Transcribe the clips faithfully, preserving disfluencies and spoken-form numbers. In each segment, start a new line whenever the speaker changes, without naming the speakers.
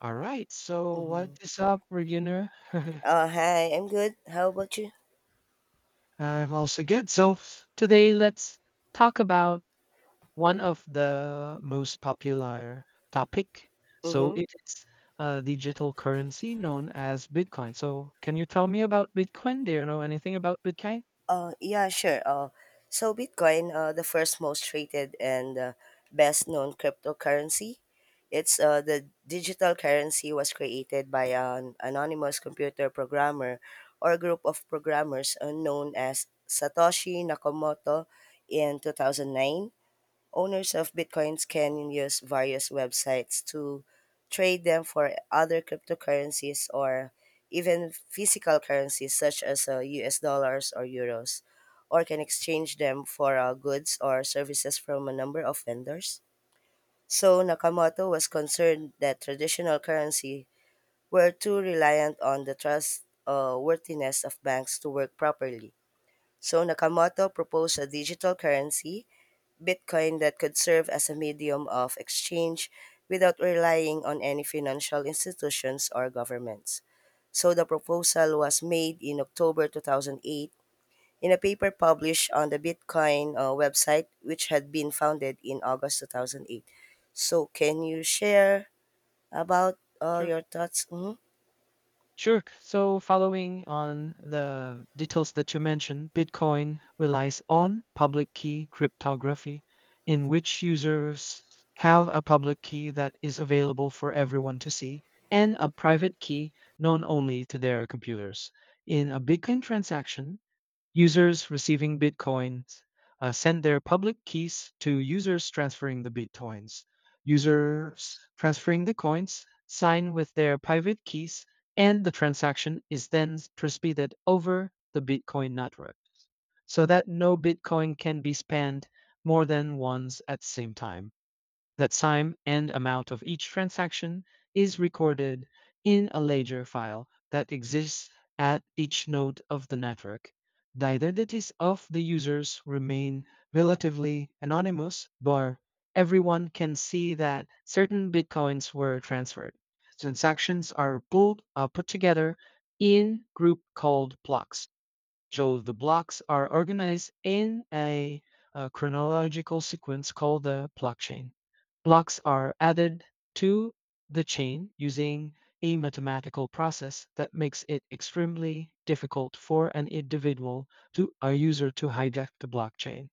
All right, so what
Mm-hmm.
is up, Regina?
Uh, hi, I'm good. How about you?
I'm also good. So today let's talk about one of the most popular topic. So
Mm-hmm.
it is a digital currency known as Bitcoin. So can you tell me about Bitcoin? Do you know anything about Bitcoin?
Uh, yeah, sure. Uh, so Bitcoin, uh, the first most traded and uh, best known cryptocurrency. It's uh, The digital currency was created by an anonymous computer programmer or group of programmers uh, known as Satoshi Nakamoto in two thousand nine. Owners of Bitcoins can use various websites to trade them for other cryptocurrencies or even physical currencies such as uh, U S dollars or euros, or can exchange them for uh, goods or services from a number of vendors. So Nakamoto was concerned that traditional currency were too reliant on the trust uh, worthiness of banks to work properly. So Nakamoto proposed a digital currency Bitcoin that could serve as a medium of exchange without relying on any financial institutions or governments. So the proposal was made in October two thousand eight in a paper published on the Bitcoin uh, website, which had been founded in August two thousand eight. So can you share about uh, your thoughts? Mhm.
Sure. So following on the details that you mentioned, Bitcoin relies on public key cryptography, in which users have a public key that is available for everyone to see and a private key known only to their computers. In a Bitcoin transaction, Users receiving Bitcoins uh, send their public keys to users transferring the Bitcoins. Users transferring the coins sign with their private keys, and the transaction is then transmitted over the Bitcoin network so that no Bitcoin can be spent more than once at the same time. The time and amount of each transaction is recorded in a ledger file that exists at each node of the network. The identities of the users remain relatively anonymous, but everyone can see that certain bitcoins were transferred. Transactions are pulled, uh, put together in group called blocks. So the blocks are organized in a, uh chronological sequence called the block chain. Blocks are added to the chain using a mathematical process that makes it extremely difficult for an individual to a user to hijack the blockchain.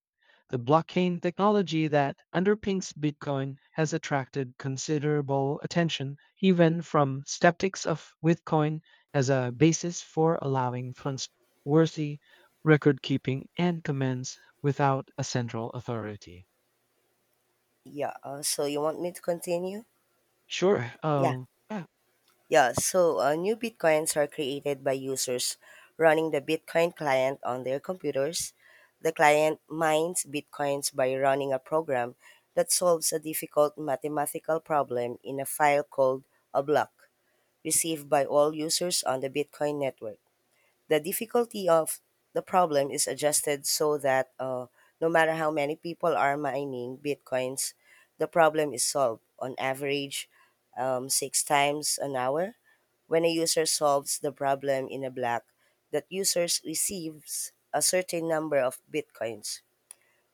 The blockchain technology that underpins Bitcoin has attracted considerable attention, even from skeptics of Bitcoin as a basis for allowing funds worthy record keeping and commands without a central authority.
Yeah. Uh, so you want me to continue?
Sure.
Yeah.
Um, yeah,
Yeah, so uh, new Bitcoins are created by users running the Bitcoin client on their computers. The client mines Bitcoins by running a program that solves a difficult mathematical problem in a file called a block, received by all users on the Bitcoin network. The difficulty of the problem is adjusted so that uh, no matter how many people are mining Bitcoins, the problem is solved on average um, six times an hour when a user solves the problem in a block, that user receives a certain number of bitcoins.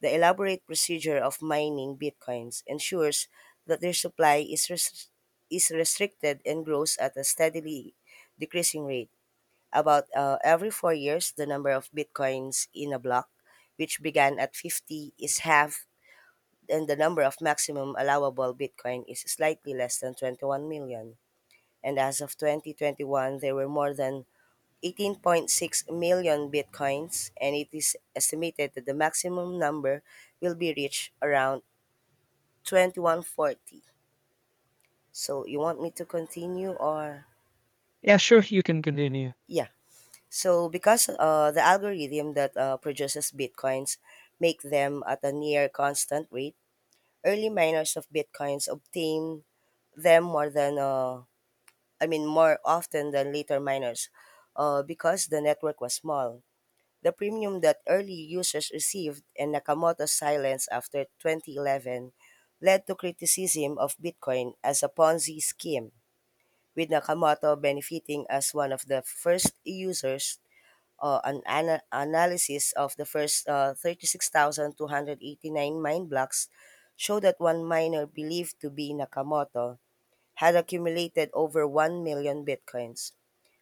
The elaborate procedure of mining bitcoins ensures that their supply is, res- is restricted and grows at a steadily decreasing rate. About uh, every four years, the number of bitcoins in a block, which began at fifty, is halved, and the number of maximum allowable bitcoin is slightly less than twenty-one million. And as of twenty twenty-one, there were more than eighteen point six million bitcoins, and it is estimated that the maximum number will be reached around twenty-one forty. So, you want me to continue or?
yeah, sure. You can continue.
Yeah. So, because uh, the algorithm that uh, produces bitcoins make them at a near constant rate, early miners of bitcoins obtain them more than, uh, I mean, more often than later miners uh, because the network was small. The premium that early users received and Nakamoto's silence after twenty eleven led to criticism of Bitcoin as a Ponzi scheme, with Nakamoto benefiting as one of the first users. Uh, an ana- analysis of the first uh, thirty-six thousand, two hundred eighty-nine mine blocks showed that one miner believed to be Nakamoto had accumulated over one million bitcoins.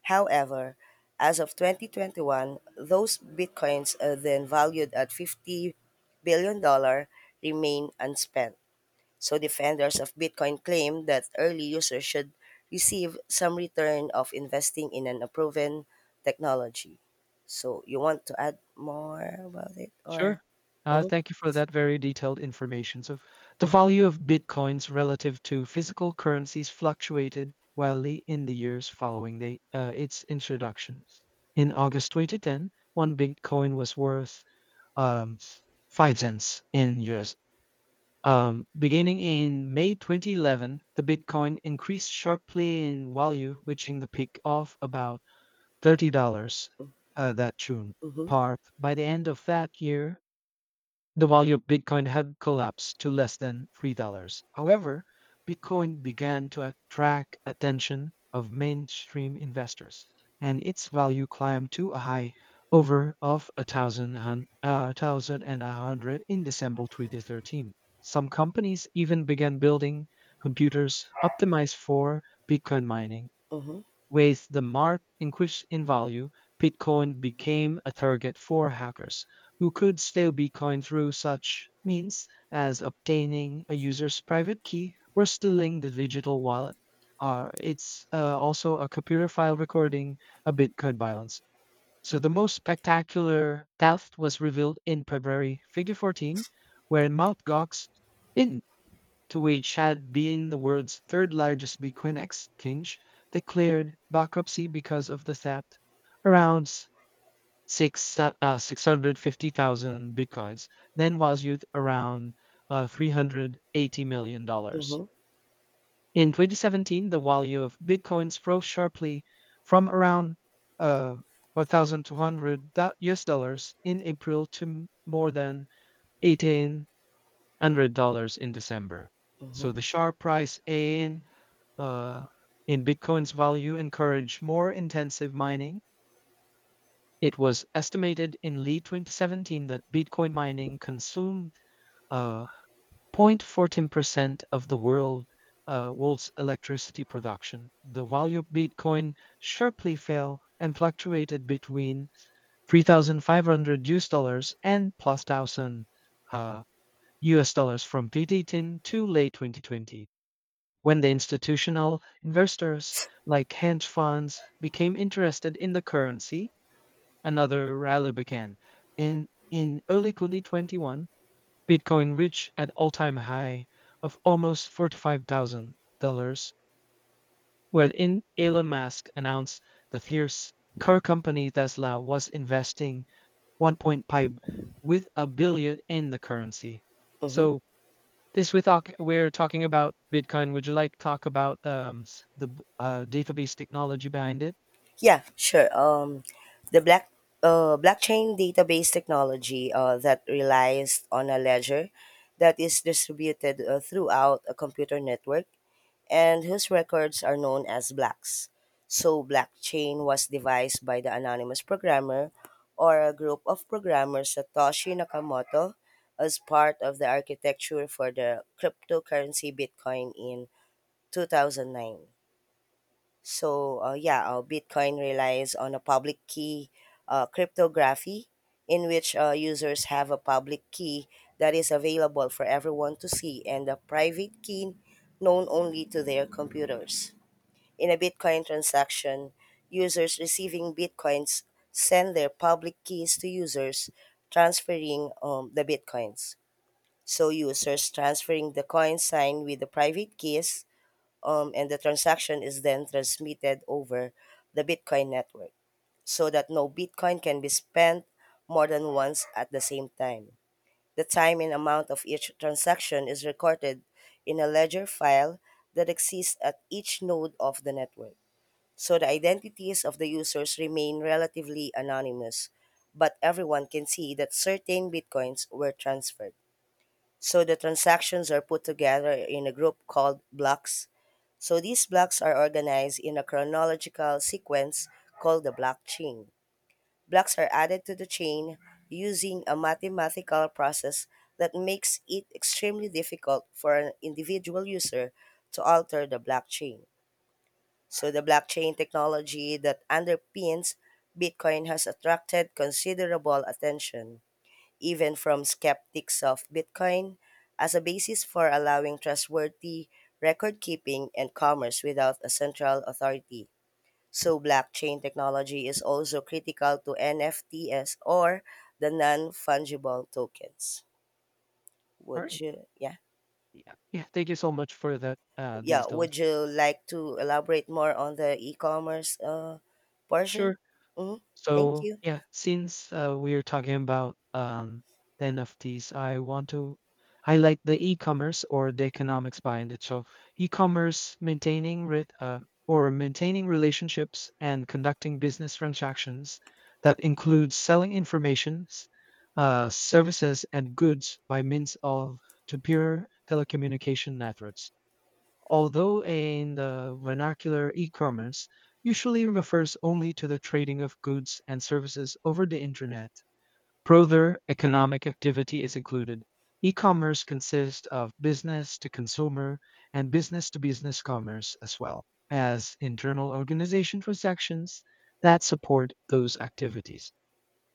However, as of twenty twenty-one, those Bitcoins uh, then valued at $50 billion dollars remain unspent. So defenders of Bitcoin claim that early users should receive some return of investing in an proven technology. So you want to add more about it or?
Sure. Uh,
Mhm.
thank you for that very detailed information. So, the value of bitcoins relative to physical currencies fluctuated wildly in the years following the, uh, its introduction. In August two thousand ten, one bitcoin was worth um, five cents in U S. Um, beginning in May twenty eleven, the Bitcoin increased sharply in value, reaching the peak of about thirty dollars uh, that June.
Mhm.
Part by the end of that year, the value of Bitcoin had collapsed to less than three dollars. However, Bitcoin began to attract attention of mainstream investors, and its value climbed to a high over of a thousand hun- uh, thousand and a hundred in December twenty thirteen. Some companies even began building computers optimized for Bitcoin mining.
Mhm.
With the mark increasing in value, Bitcoin became a target for hackers who could steal Bitcoin through such means as obtaining a user's private key or stealing the digital wallet. Uh, it's uh, also a computer file recording a Bitcoin balance. So the most spectacular theft was revealed in February twenty fourteen, where Mount. Gox, in to which had been the world's third largest Bitcoin exchange, declared bankruptcy because of the theft. Around s- six, uh, six hundred fifty thousand Bitcoins then valued around uh, three hundred eighty million dollars dollars.
Mhm.
In twenty seventeen, the value of Bitcoins rose sharply from around uh, twelve hundred U S dollars in April to m- more than eighteen one hundred dollars in December. So the
Mhm.
sharp rise in uh, in Bitcoin's value encouraged more intensive mining. It was estimated in late twenty seventeen that Bitcoin mining consumed uh, zero point one four percent of the world uh, world's electricity production. The value of Bitcoin sharply fell and fluctuated between three thousand five hundred U S dollars and plus thousand uh, U S dollars from twenty ten to late twenty twenty, when the institutional investors like hedge funds became interested in the currency, another rally began. In in early twenty twenty-one, Bitcoin reached an all-time high of almost forty-five thousand dollars wherein Elon Musk announced the fierce car company Tesla was investing one point five with a billion in the currency.
Mhm.
So this we talk, we're talking about Bitcoin. Would you like to talk about um, s- the b- uh, database technology behind it?
Yeah, sure. Um, the black uh, blockchain database technology uh, that relies on a ledger that is distributed uh, throughout a computer network and whose records are known as blocks. So, blockchain was devised by the anonymous programmer or a group of programmers Satoshi Nakamoto as part of the architecture for the cryptocurrency Bitcoin in two thousand nine. So uh, yeah, uh, Bitcoin relies on a public key uh, cryptography in which uh, users have a public key that is available for everyone to see and a private key known only to their computers. In a Bitcoin transaction, users receiving Bitcoins send their public keys to users transferring um, the Bitcoins. So users transferring the coins sign with the private keys um, and the transaction is then transmitted over the Bitcoin network so that no Bitcoin can be spent more than once at the same time. The time and amount of each transaction is recorded in a ledger file that exists at each node of the network. So the identities of the users remain relatively anonymous, but everyone can see that certain bitcoins were transferred. So the transactions are put together in a group called blocks. So these blocks are organized in a chronological sequence called the block chain. Blocks are added to the chain using a mathematical process that makes it extremely difficult for an individual user to alter the blockchain. So the blockchain technology that underpins Bitcoin has attracted considerable attention even from skeptics of Bitcoin, as a basis for allowing trustworthy record keeping and commerce without a central authority. So, blockchain technology is also critical to N F Ts or the non fungible tokens.
All
Would
right.
you, yeah,
Yeah. Yeah. Thank you so much for that uh,
yeah,
these details.
would you like to elaborate more on the e commerce uh, portion?
Sure.
Mm-hmm. Thank
So
you.
yeah, since uh, we're talking about um, the N F Ts, I want to highlight the e-commerce or the economics behind it. So e-commerce maintaining re- uh, or maintaining relationships and conducting business transactions that includes selling informations, uh, services, and goods by means of to secure telecommunication networks, although in the vernacular e-commerce usually refers only to the trading of goods and services over the internet. Further, economic activity is included. E-commerce consists of business to consumer and business to business commerce as well as internal organization transactions that support those activities.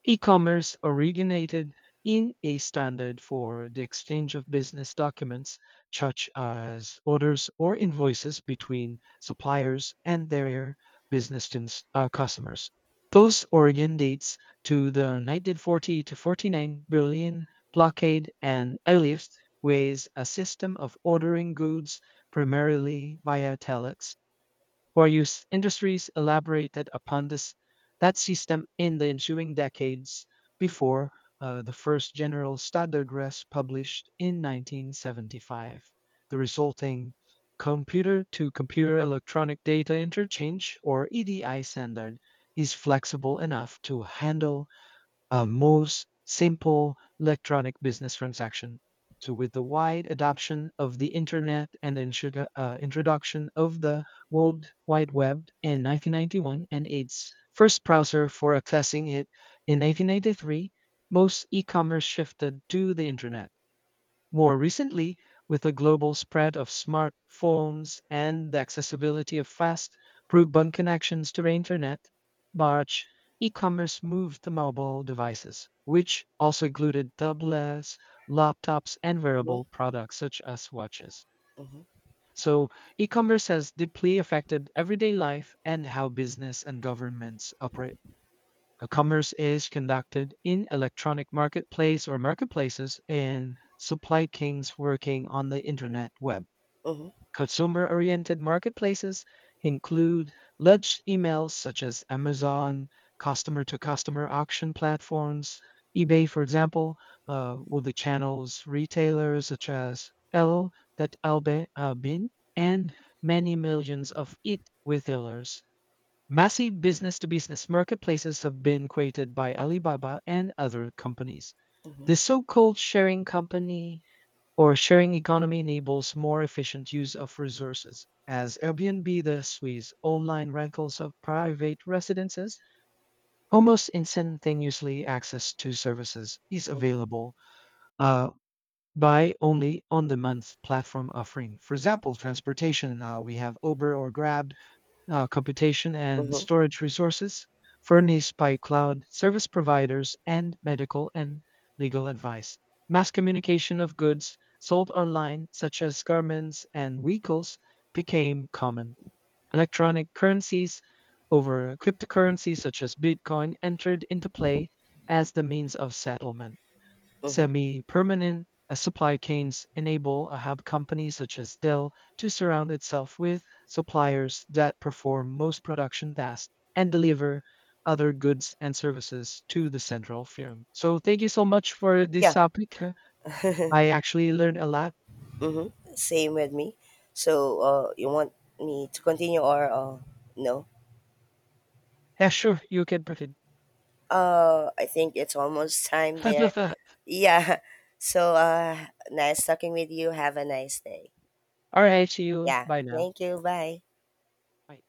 E-commerce originated in a standard for the exchange of business documents, such as orders or invoices between suppliers and their business cons- uh, customers. Those origin dates to the nineteen forty to forty-nine Berlin blockade and Airlift was a system of ordering goods primarily via telex for use industries elaborated upon this that system in the ensuing decades before uh, the first general standard was published in nineteen seventy-five. The resulting computer to computer electronic data interchange or E D I standard is flexible enough to handle uh, most simple electronic business transaction. So, with the wide adoption of the internet and the introdu- uh, introduction of the World Wide Web in nineteen ninety-one and its first browser for accessing it in nineteen ninety-three, most e commerce shifted to the internet. More recently, with the global spread of smartphones and the accessibility of fast, broadband connections to the internet, March e-commerce moved to mobile devices, which also included tablets, laptops, and
Mm-hmm.
wearable products such as watches.
Mm-hmm.
So, e-commerce has deeply affected everyday life and how business and governments operate. Uh, Commerce is conducted in electronic marketplace or marketplaces and supply chains working on the internet web.
Mm-hmm.
Consumer-oriented marketplaces include large emails such as Amazon, customer-to-customer auction platforms, eBay, for example, uh, with the channels retailers such as El, that Albe, uh, Bin, and many millions of e retailers. Massive business to business marketplaces have been created by Alibaba and other companies.
Mm-hmm.
The so called sharing company or sharing economy enables more efficient use of resources. As Airbnb, the Swiss online rentals of private residences, almost instantaneously access to services is available uh, by only on the month platform offering. For example, transportation, uh, we have Uber or Grab uh, computation and
Mm-hmm.
storage resources furnished by cloud service providers and medical and legal advice. Mass communication of goods sold online, such as garments and vehicles, became common. Electronic currencies over cryptocurrencies, such as Bitcoin, entered into play as the means of settlement.
Mm-hmm.
Semi-permanent uh, supply chains enable a hub company such as Dell to surround itself with suppliers that perform most production tasks and deliver other goods and services to the central firm. So thank you so much for this
Yeah.
topic. I actually learned a lot.
Mm-hmm. Same with me. So, uh, you want me to continue or uh, no?
Yeah, sure, you can proceed.
Uh, I think it's almost time there.
All
Yeah. So, uh, nice talking with you. Have a nice day.
right, see you.
Yeah.
Bye now.
Thank you. Bye.
Bye.